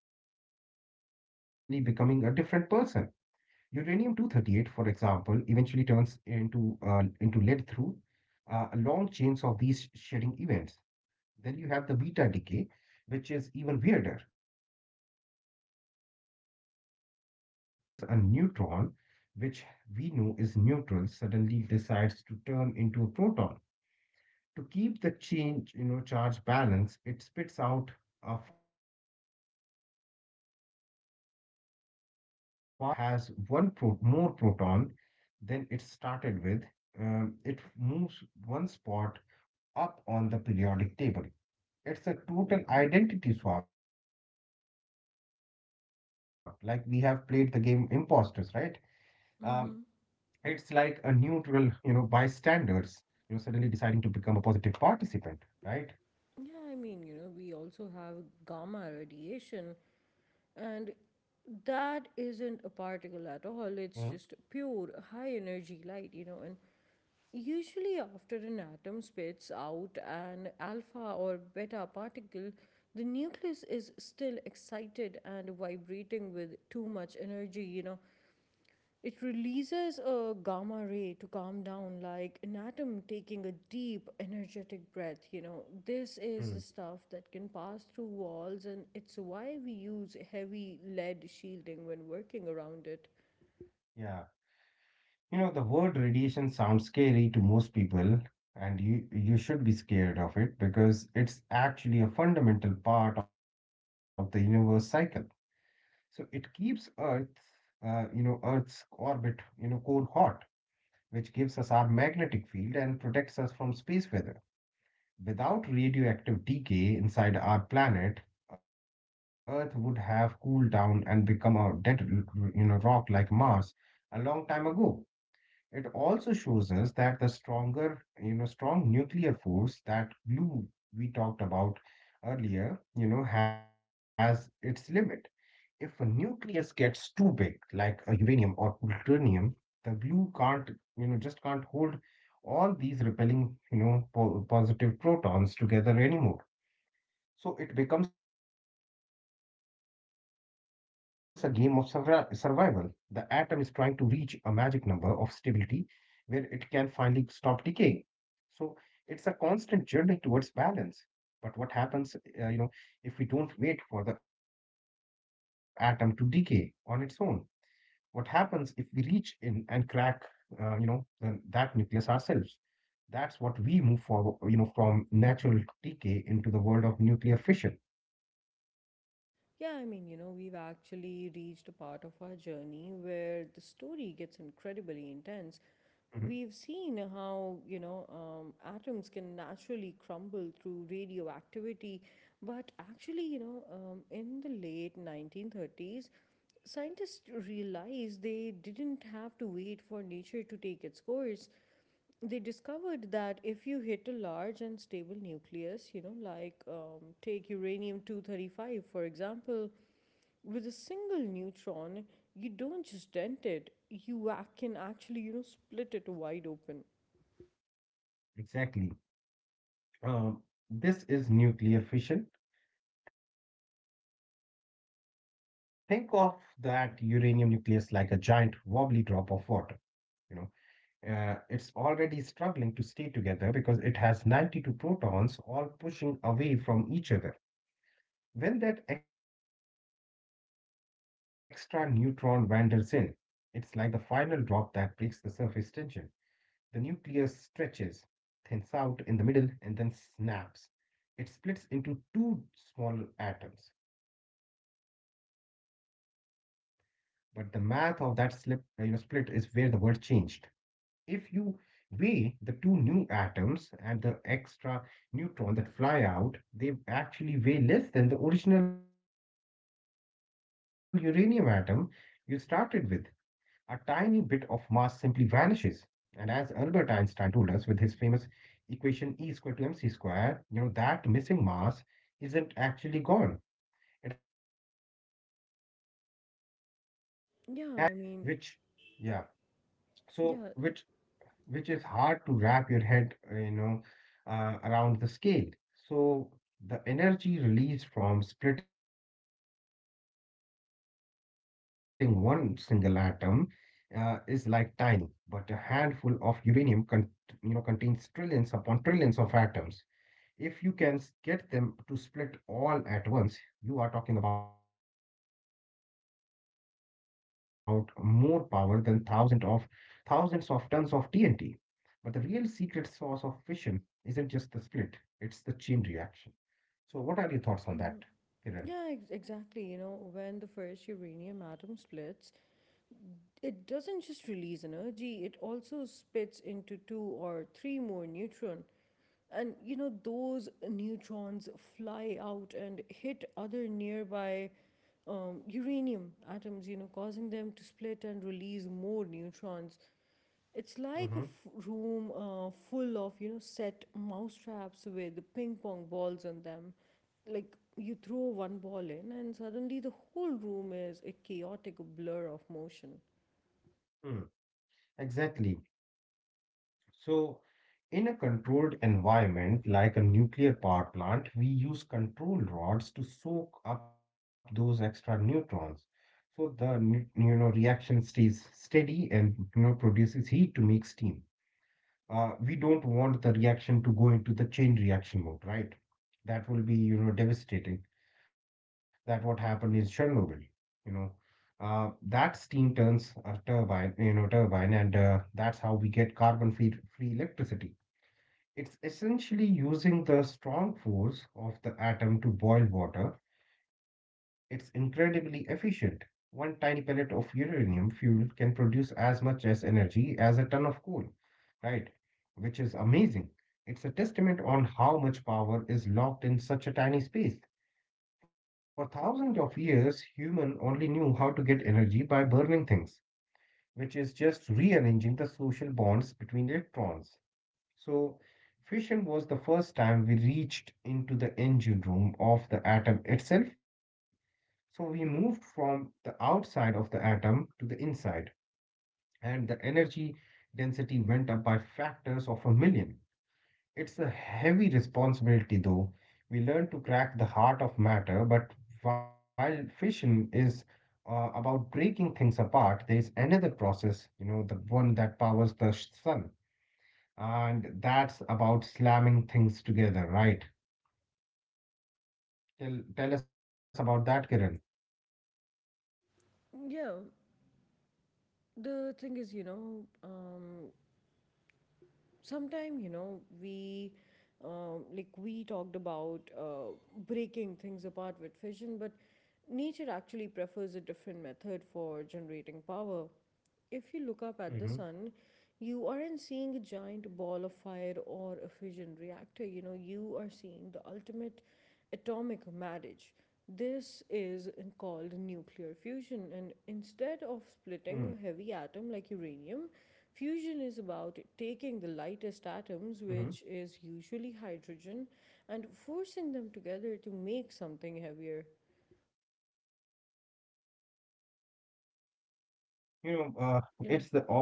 Speaker 2: Uranium 238, for example, eventually turns into lead through long chains of these shedding events. Then you have the beta decay, which is even weirder. So if the nucleus, in the nucleus, a neutron, which we know is neutral, suddenly decides to turn into a proton. To keep the charge balance, it spits out a fast-moving electron. Since the atom now has more proton than it started with, it moves one spot up on the periodic table. It's a total identity swap, like we have played the game Imposters, right? um, it's like a neutral,
Speaker 1: Mm-hmm.
Speaker 2: bystanders, suddenly deciding to become a positive participant, right?
Speaker 1: Yeah, I mean, you know, we also have gamma radiation, and that isn't a particle at all. It's just pure high energy light, you know. And usually, after an atom spits out an alpha or beta particle, the nucleus is still excited and vibrating with too much energy. You know, it releases a gamma ray to calm down, like an atom taking a deep, energetic breath. You know, this
Speaker 2: Mm-hmm.
Speaker 1: is the stuff that can pass through walls, and it's why we use heavy lead shielding when working around it.
Speaker 2: Yeah. You know, the word radiation sounds scary to most people, and you should be scared of it because it's actually a fundamental part of the universe cycle. So it keeps Earth's orbit, cold hot, which gives us our magnetic field and protects us from space weather. Without radioactive decay inside our planet, Earth would have cooled down and become a dead, rock like Mars a long time ago. It also shows us that the strong nuclear force, that glue we talked about earlier, you know, has its limit. If a nucleus gets too big, like a uranium or plutonium, the glue can't, you know, just can't hold all these repelling, positive protons together anymore. So it becomes a game of survival. The atom is trying to reach a magic number of stability where it can finally stop decaying. So it's a constant journey towards balance. But what happens, uh, you know, if we don't wait for the atom to decay on its own? What happens if we reach in and crack, uh, you know, that nucleus ourselves? That's what we move forward, you know, from natural decay into the world of nuclear fission.
Speaker 1: Yeah, I mean, you know, we've actually reached a part of our journey where the story gets
Speaker 2: Hmm.
Speaker 1: incredibly intense. We've seen how atoms can naturally crumble through radioactivity, but actually, in the late 1930s, scientists realized they didn't have to wait for nature to take its course. They discovered that if you hit a large and stable nucleus, you know, like take uranium 235, for example, with a single neutron, you don't just dent it, you can actually split it wide open.
Speaker 2: Exactly. Um, this is nuclear fission. Think of that uranium nucleus like a giant wobbly drop of water, you know. It's already struggling to stay together because it has 92 protons all pushing away from each other. When that extra neutron wanders in, it's like the final drop that breaks the surface tension. The nucleus stretches, thins out in the middle, and then snaps. It splits into two small atoms. But the math of that split is where the world changed. If you weigh the two new atoms and the extra neutron that fly out, they actually weigh less than the original uranium atom you started with. A tiny bit of mass simply vanishes. And as Albert Einstein told us with his famous equation E equal to mc square, you know, that missing mass isn't actually gone. It has been converted into staggering amount of pure energy,
Speaker 1: Yeah, I mean,
Speaker 2: which, yeah, so
Speaker 1: yeah,
Speaker 2: which is hard to wrap your head around the scale. So the energy released from splitting one single atom is like tiny, but a handful of uranium contains trillions upon trillions of atoms. If you can get them to split all at once, you are talking about more power than thousands of tons of TNT. But the real secret sauce of fission isn't just the split, it's the chain reaction. So, what are your thoughts on that, Kiran?
Speaker 1: mm, exactly. You know, when the first uranium atom splits, it doesn't just release energy, it also spits into two or three more neutron. And you know, those neutrons fly out and hit other nearby uranium atoms, you know, causing them to split and release more neutrons. It's
Speaker 2: Mm-hmm.
Speaker 1: like a room full of, you know, set mousetraps with ping pong balls on them. Like you throw one ball in, and suddenly the whole room is a chaotic blur of motion.
Speaker 2: Mm. Exactly. So, in a controlled environment like a nuclear power plant, we use control rods to soak up those extra neutrons. So the reaction stays steady and you know produces heat to make steam. We don't want the reaction to go into the chain reaction mode, right? That will be, you know, devastating. That what happened in Chernobyl, you know. That steam turns a turbine, you know, turbine, and that's how we get carbon free electricity. It's essentially using the strong force of the atom to boil water. It's incredibly efficient. One tiny pellet of uranium fuel can produce as much as energy as a ton of coal, right? Which is amazing. It's a testament on how much power is locked in such a tiny space. For thousands of years, human only knew how to get energy by burning things, which is just rearranging the social bonds between electrons. So, fission was the first time we reached into the engine room of the atom itself. So, we moved from the outside of the atom to the inside, and the energy density went up by factors of a million. It's a heavy responsibility, though. We learn to crack the heart of matter, but while fission is about breaking things apart, there is another process, you know, the one that powers the sun, and that's about slamming things together, right? Tell us about that, Kiran.
Speaker 1: Yeah, the thing is, you know, sometime, you know, we. Like we talked about breaking things apart with fission, but nature actually prefers a different method for generating power. If you look up at the
Speaker 2: Mm-hmm.
Speaker 1: sun, you aren't seeing a giant ball of fire or a fission reactor. You know, you are seeing the ultimate atomic marriage. This is called nuclear fusion, and instead of splitting a heavy atom like uranium, fusion is
Speaker 2: Mm-hmm.
Speaker 1: about taking the lightest atoms, which is usually hydrogen, and forcing them together to make something heavier.
Speaker 2: You know, it's the opposite of fission, but it's much harder
Speaker 1: Yeah.
Speaker 2: to do.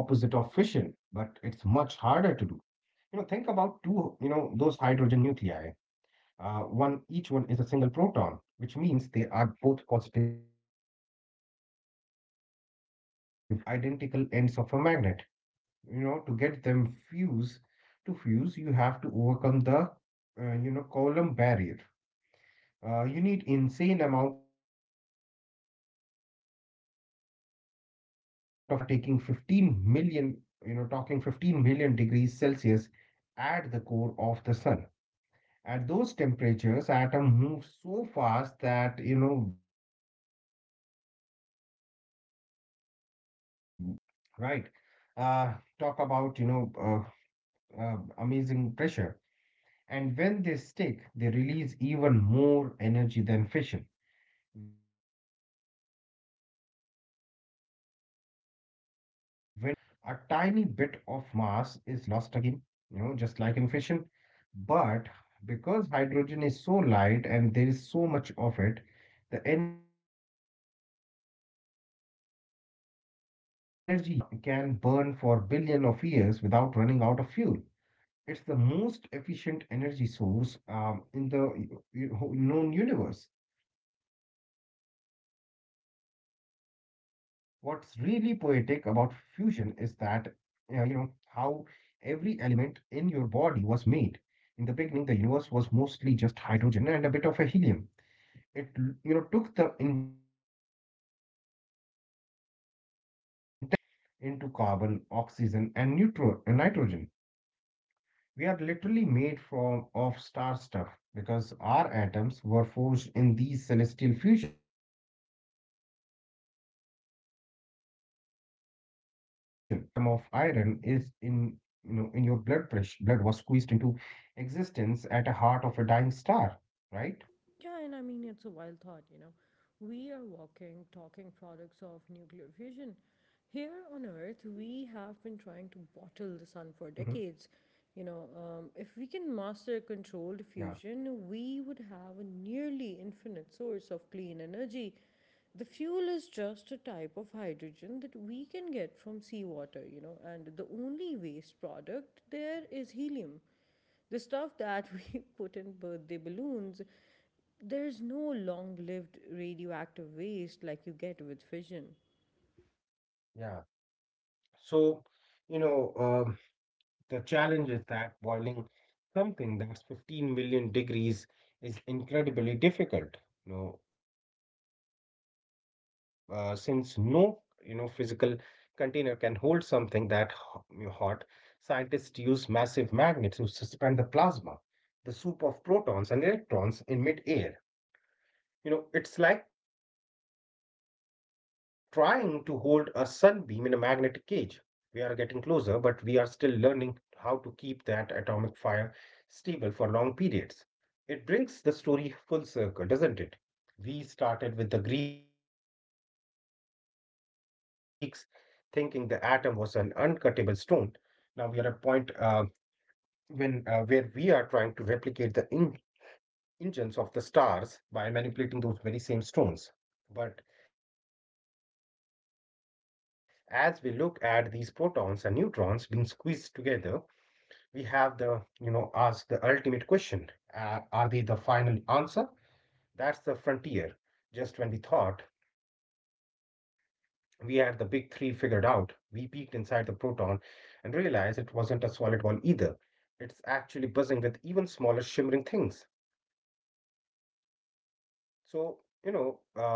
Speaker 2: You know, think about two, you know, those hydrogen nuclei. One Each one is a single proton, which means they are both positively charged. So they want to repel each other like two identical ends of a magnet. You know, to get them fuse to fuse, you have to overcome the Coulomb barrier. You need insane amount of heat and pressure. It's like we are taking 15 million you know talking 15 million degrees Celsius at the core of the sun, at those temperatures, atoms move so fast that, you know, when they collide, they don't bounce off, they stick, right? Uh, talk about amazing pressure. And when they stick, they release even more energy than fission. When two light hydrogen isotopes fuse to become helium, a tiny bit of mass is lost again, you know, just like in fission. But because hydrogen is so light and there is so much of it, the energy yield is astronomical. This is why the sun can burn for billion of years without running out of fuel. It's the most efficient energy source in the known universe. What's really poetic about fusion is uh, you know, how every element in your body was made. In the beginning, the universe was mostly just hydrogen and a bit of a helium. It took the intense pressure inside stars to fuse those simple atoms into carbon, oxygen, and nitrogen. We are literally made from of star stuff because our atoms were forged in these celestial fusion reactors. You know, every item of atom of iron is in you know in your blood pressure. Blood was squeezed into existence at the heart of a dying star, right?
Speaker 1: Yeah, and I mean, it's a wild thought, you know. We are walking, talking products of nuclear fusion. Here on
Speaker 2: Mm-hmm.
Speaker 1: Earth, we have been trying to bottle the sun for decades.
Speaker 2: Yeah,
Speaker 1: If we can master controlled fusion, we would have a nearly infinite source of clean energy. The fuel is just a type of hydrogen that we can get from seawater, you know, and the only waste product there is helium, the stuff that we put in birthday balloons. There's no long lived radioactive waste like you get with fission.
Speaker 2: yeah. So, you know, the challenge is that boiling something that's 15 million degrees is incredibly difficult, you know, since no, you know, physical container can hold something that hot. Scientists use massive magnets to suspend the plasma, the soup of protons and electrons in midair. You know, it's like trying to hold a sunbeam in a magnetic cage. We are getting closer, but we are still learning how to keep that atomic fire stable for long periods. It brings the story full circle, doesn't it? We started with the Greeks thinking the atom was an uncuttable stone. Now we are at a point when where we are trying to replicate the engines of the stars by manipulating those very same stones. But as we look at these protons and neutrons being squeezed together, we have the, you know, ask the ultimate question. Are they the final answer? That's the frontier. Just when we thought we had the big three figured out, we peeked inside the proton and realized it wasn't a solid ball either. It's actually buzzing with even smaller shimmering things. So, you know, uh,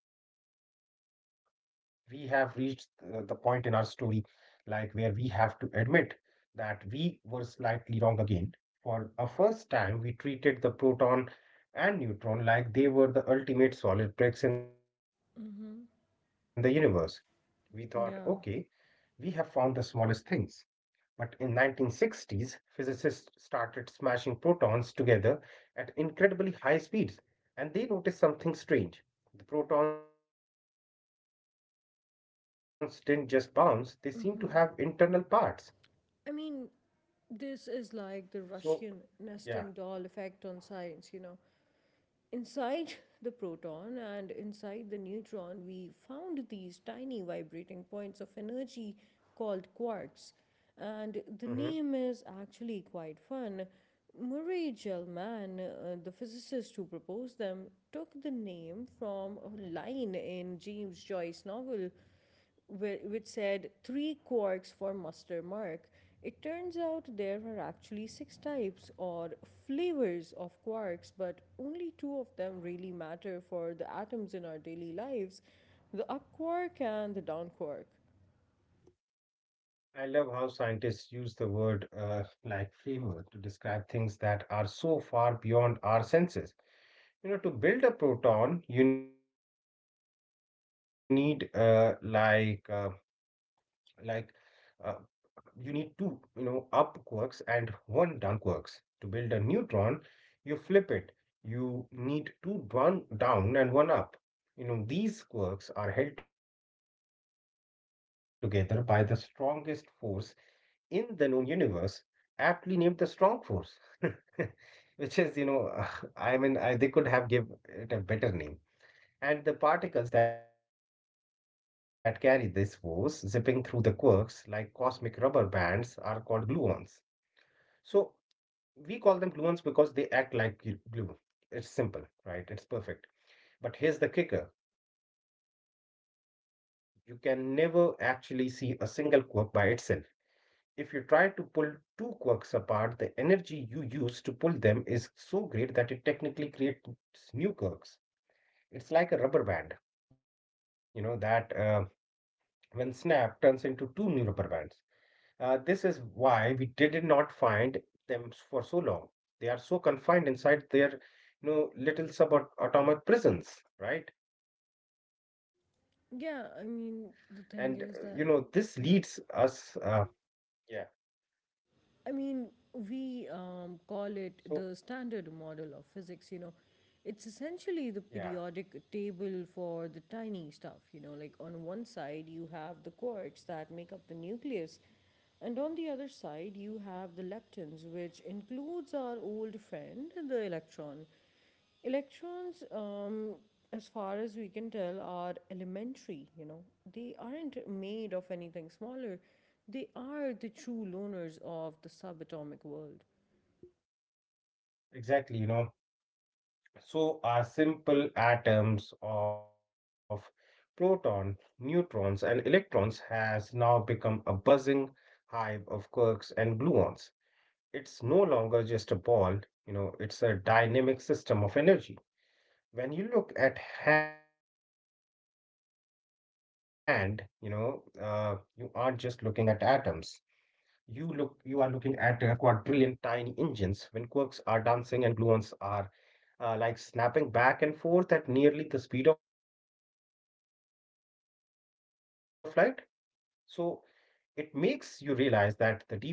Speaker 2: we have reached the point in our story like where we have to admit that we were slightly wrong again. For a first time we treated the proton and neutron like they were the ultimate solid bricks in the universe.
Speaker 1: Mm-hmm.
Speaker 2: We thought okay, we have found the
Speaker 1: Yeah.
Speaker 2: smallest things, but in 1960s physicists started smashing protons together at incredibly high speeds, and they noticed something strange. The protons didn't just bounce, they seemed to have internal parts.
Speaker 1: I mean,
Speaker 2: So,
Speaker 1: this
Speaker 2: yeah.
Speaker 1: is like the Russian nesting doll effect on science, you know. Inside the proton and inside the neutron, we found these tiny vibrating points of energy called quarks. And the
Speaker 2: Hmm.
Speaker 1: name is actually quite fun. Murray Gell-Mann, the physicist who proposed them, took the name from a line in James Joyce's novel which said three quarks for muster mark. It turns out there are actually six types or flavors of quarks, but only two of them really matter for the atoms in our daily lives: the up quark and the down quark.
Speaker 2: I love how scientists use the word like flavor to describe things that are so far beyond our senses. You know, to build a proton, you need like uh, you need two, you know, up quarks and one down quarks. To build a neutron, you flip it. You need two down and one up. You know, these quarks are held together by the strongest force in the known universe, aptly named the strong force. Which is, you know, I mean, they could have give it a better name. And the particles that carry this force zipping through the quarks like cosmic rubber bands are called gluons. So we call them gluons because they act like glue. It's simple, right? It's perfect. But here's the kicker. You can never actually see a single quark by itself. If you try to pull two quarks apart, the energy you use to pull them is so great that it technically creates new quarks. It's like a rubber band, you know, that when Snap turns into two new rubber bands. This is why we did not find them for so long. They are so confined inside their, you know, little subatomic prisons, right? And you know, this leads
Speaker 1: Yeah, I
Speaker 2: us,
Speaker 1: mean, the thing is that,
Speaker 2: yeah.
Speaker 1: yeah. I mean,
Speaker 2: So
Speaker 1: We call it the standard model of physics, you know. It's
Speaker 2: yeah,
Speaker 1: essentially the periodic table for the tiny stuff, you know. Like on one side, you have the quarks that make up the nucleus, and on the other side, you have the leptons, which includes our old friend, the electron. Electrons, as far as we can tell, are elementary, you know. They aren't made of anything smaller. They are the true loners of the subatomic world.
Speaker 2: Exactly. You know, so our simple atoms of proton, neutrons, and electrons has now become a buzzing hive of quarks and gluons. It's no longer just a ball, you know, it's a dynamic system of energy. When you look at hand, you know, uh, you aren't just looking at atoms, you are looking at a quadrillion tiny engines when quarks are dancing and gluons are like snapping back and forth at nearly the speed of light. So it makes you realize that the deeper we go the less solid the world becomes.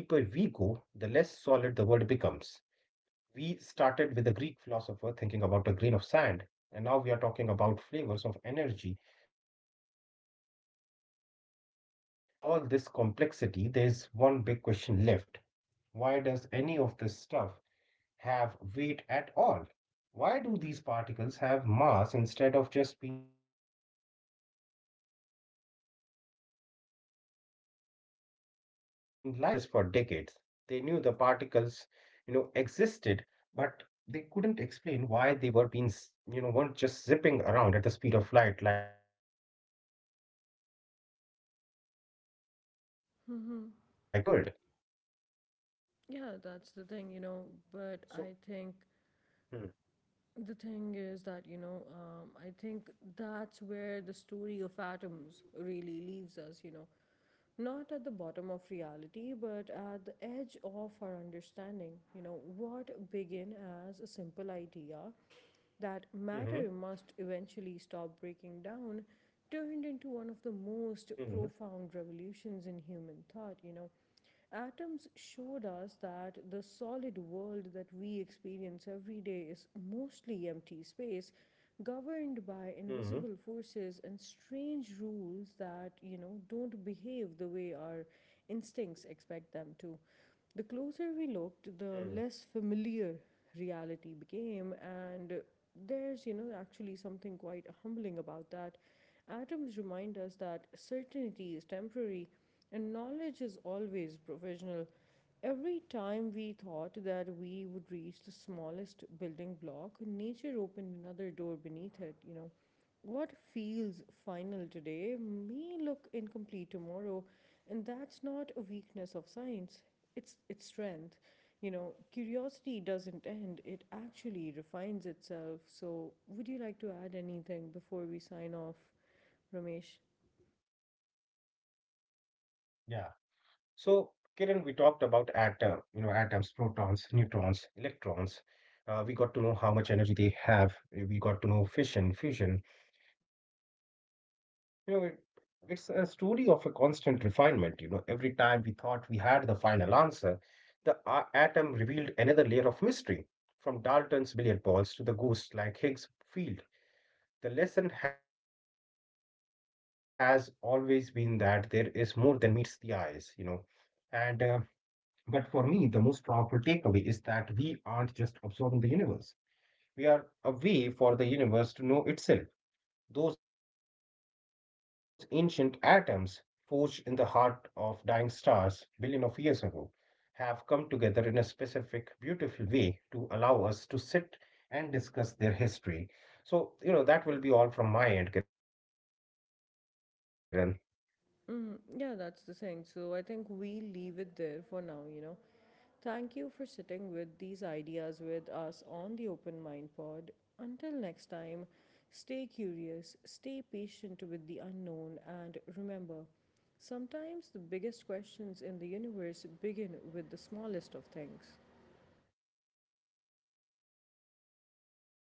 Speaker 2: We started with a Greek philosopher thinking about a grain of sand, and now we are talking about flavors of energy and mathematical symmetry. But even with all this complexity, there's one big question left. Why does any of this stuff have weight at all? Why do these particles have mass instead of just being light? So you know, that question haunted scientists for decades. They knew the particles, you know, existed, but they couldn't explain why they were being, z- you know, weren't just zipping around at the speed of light like photons. They need one more field to explain the weight of the world.
Speaker 1: Yeah, that's
Speaker 2: So,
Speaker 1: the thing, you know. But I
Speaker 2: hmm,
Speaker 1: think the thing is that, you know, I think that's where the story of atoms really leaves us, you know. Not at the bottom of reality, but at the edge of our understanding. You know, what began as a simple idea that
Speaker 2: hmm,
Speaker 1: matter must eventually stop breaking down turned into
Speaker 2: hmm,
Speaker 1: one of the most profound revolutions in human thought, you know. Atoms showed us that the solid world that we experience every day is mostly empty space, governed
Speaker 2: hmm,
Speaker 1: by invisible forces and strange rules that, you know, don't behave the way our instincts expect them to. The closer we
Speaker 2: hmm,
Speaker 1: looked, the less familiar reality became, and there's actually something quite humbling about that. Atoms remind us that certainty is temporary and knowledge is always provisional. Every time we thought that we would reach the smallest building block, nature opened another door beneath it, you know. What feels final today may look incomplete tomorrow, and that's not a weakness of science. It's its strength. You know, curiosity doesn't end, it actually refines itself. So, would you like to add anything before we sign off,
Speaker 2: yeah.
Speaker 1: Ramesh?
Speaker 2: So, Kiran, we talked about atoms, protons, neutrons, electrons. We got to know how much energy they have. We got to know fission, fusion. You know, it's a story of a constant refinement. You know, every time we thought we had the final answer, the atom revealed another layer of mystery. From Dalton's billiard balls to the ghost like Higgs field, the lesson has always been that there is more than meets the eyes. You know, and but for me, the most powerful takeaway is that we aren't just observing the universe, we are a way for the universe to know itself. Those ancient atoms forged in the heart of dying stars billion of years ago have come together in a specific, beautiful way to allow us to sit and discuss their history. So, you know, that will be all from my end, Kiran.
Speaker 1: Mm, yeah, that's the thing. So, I think we leave it there for now, you know. Thank you for sitting with these ideas with us on the Open Mind Pod. Until next time, stay curious, stay patient with the unknown, and remember sometimes the biggest questions in the universe begin with the smallest of things.
Speaker 2: Yeah, thank you.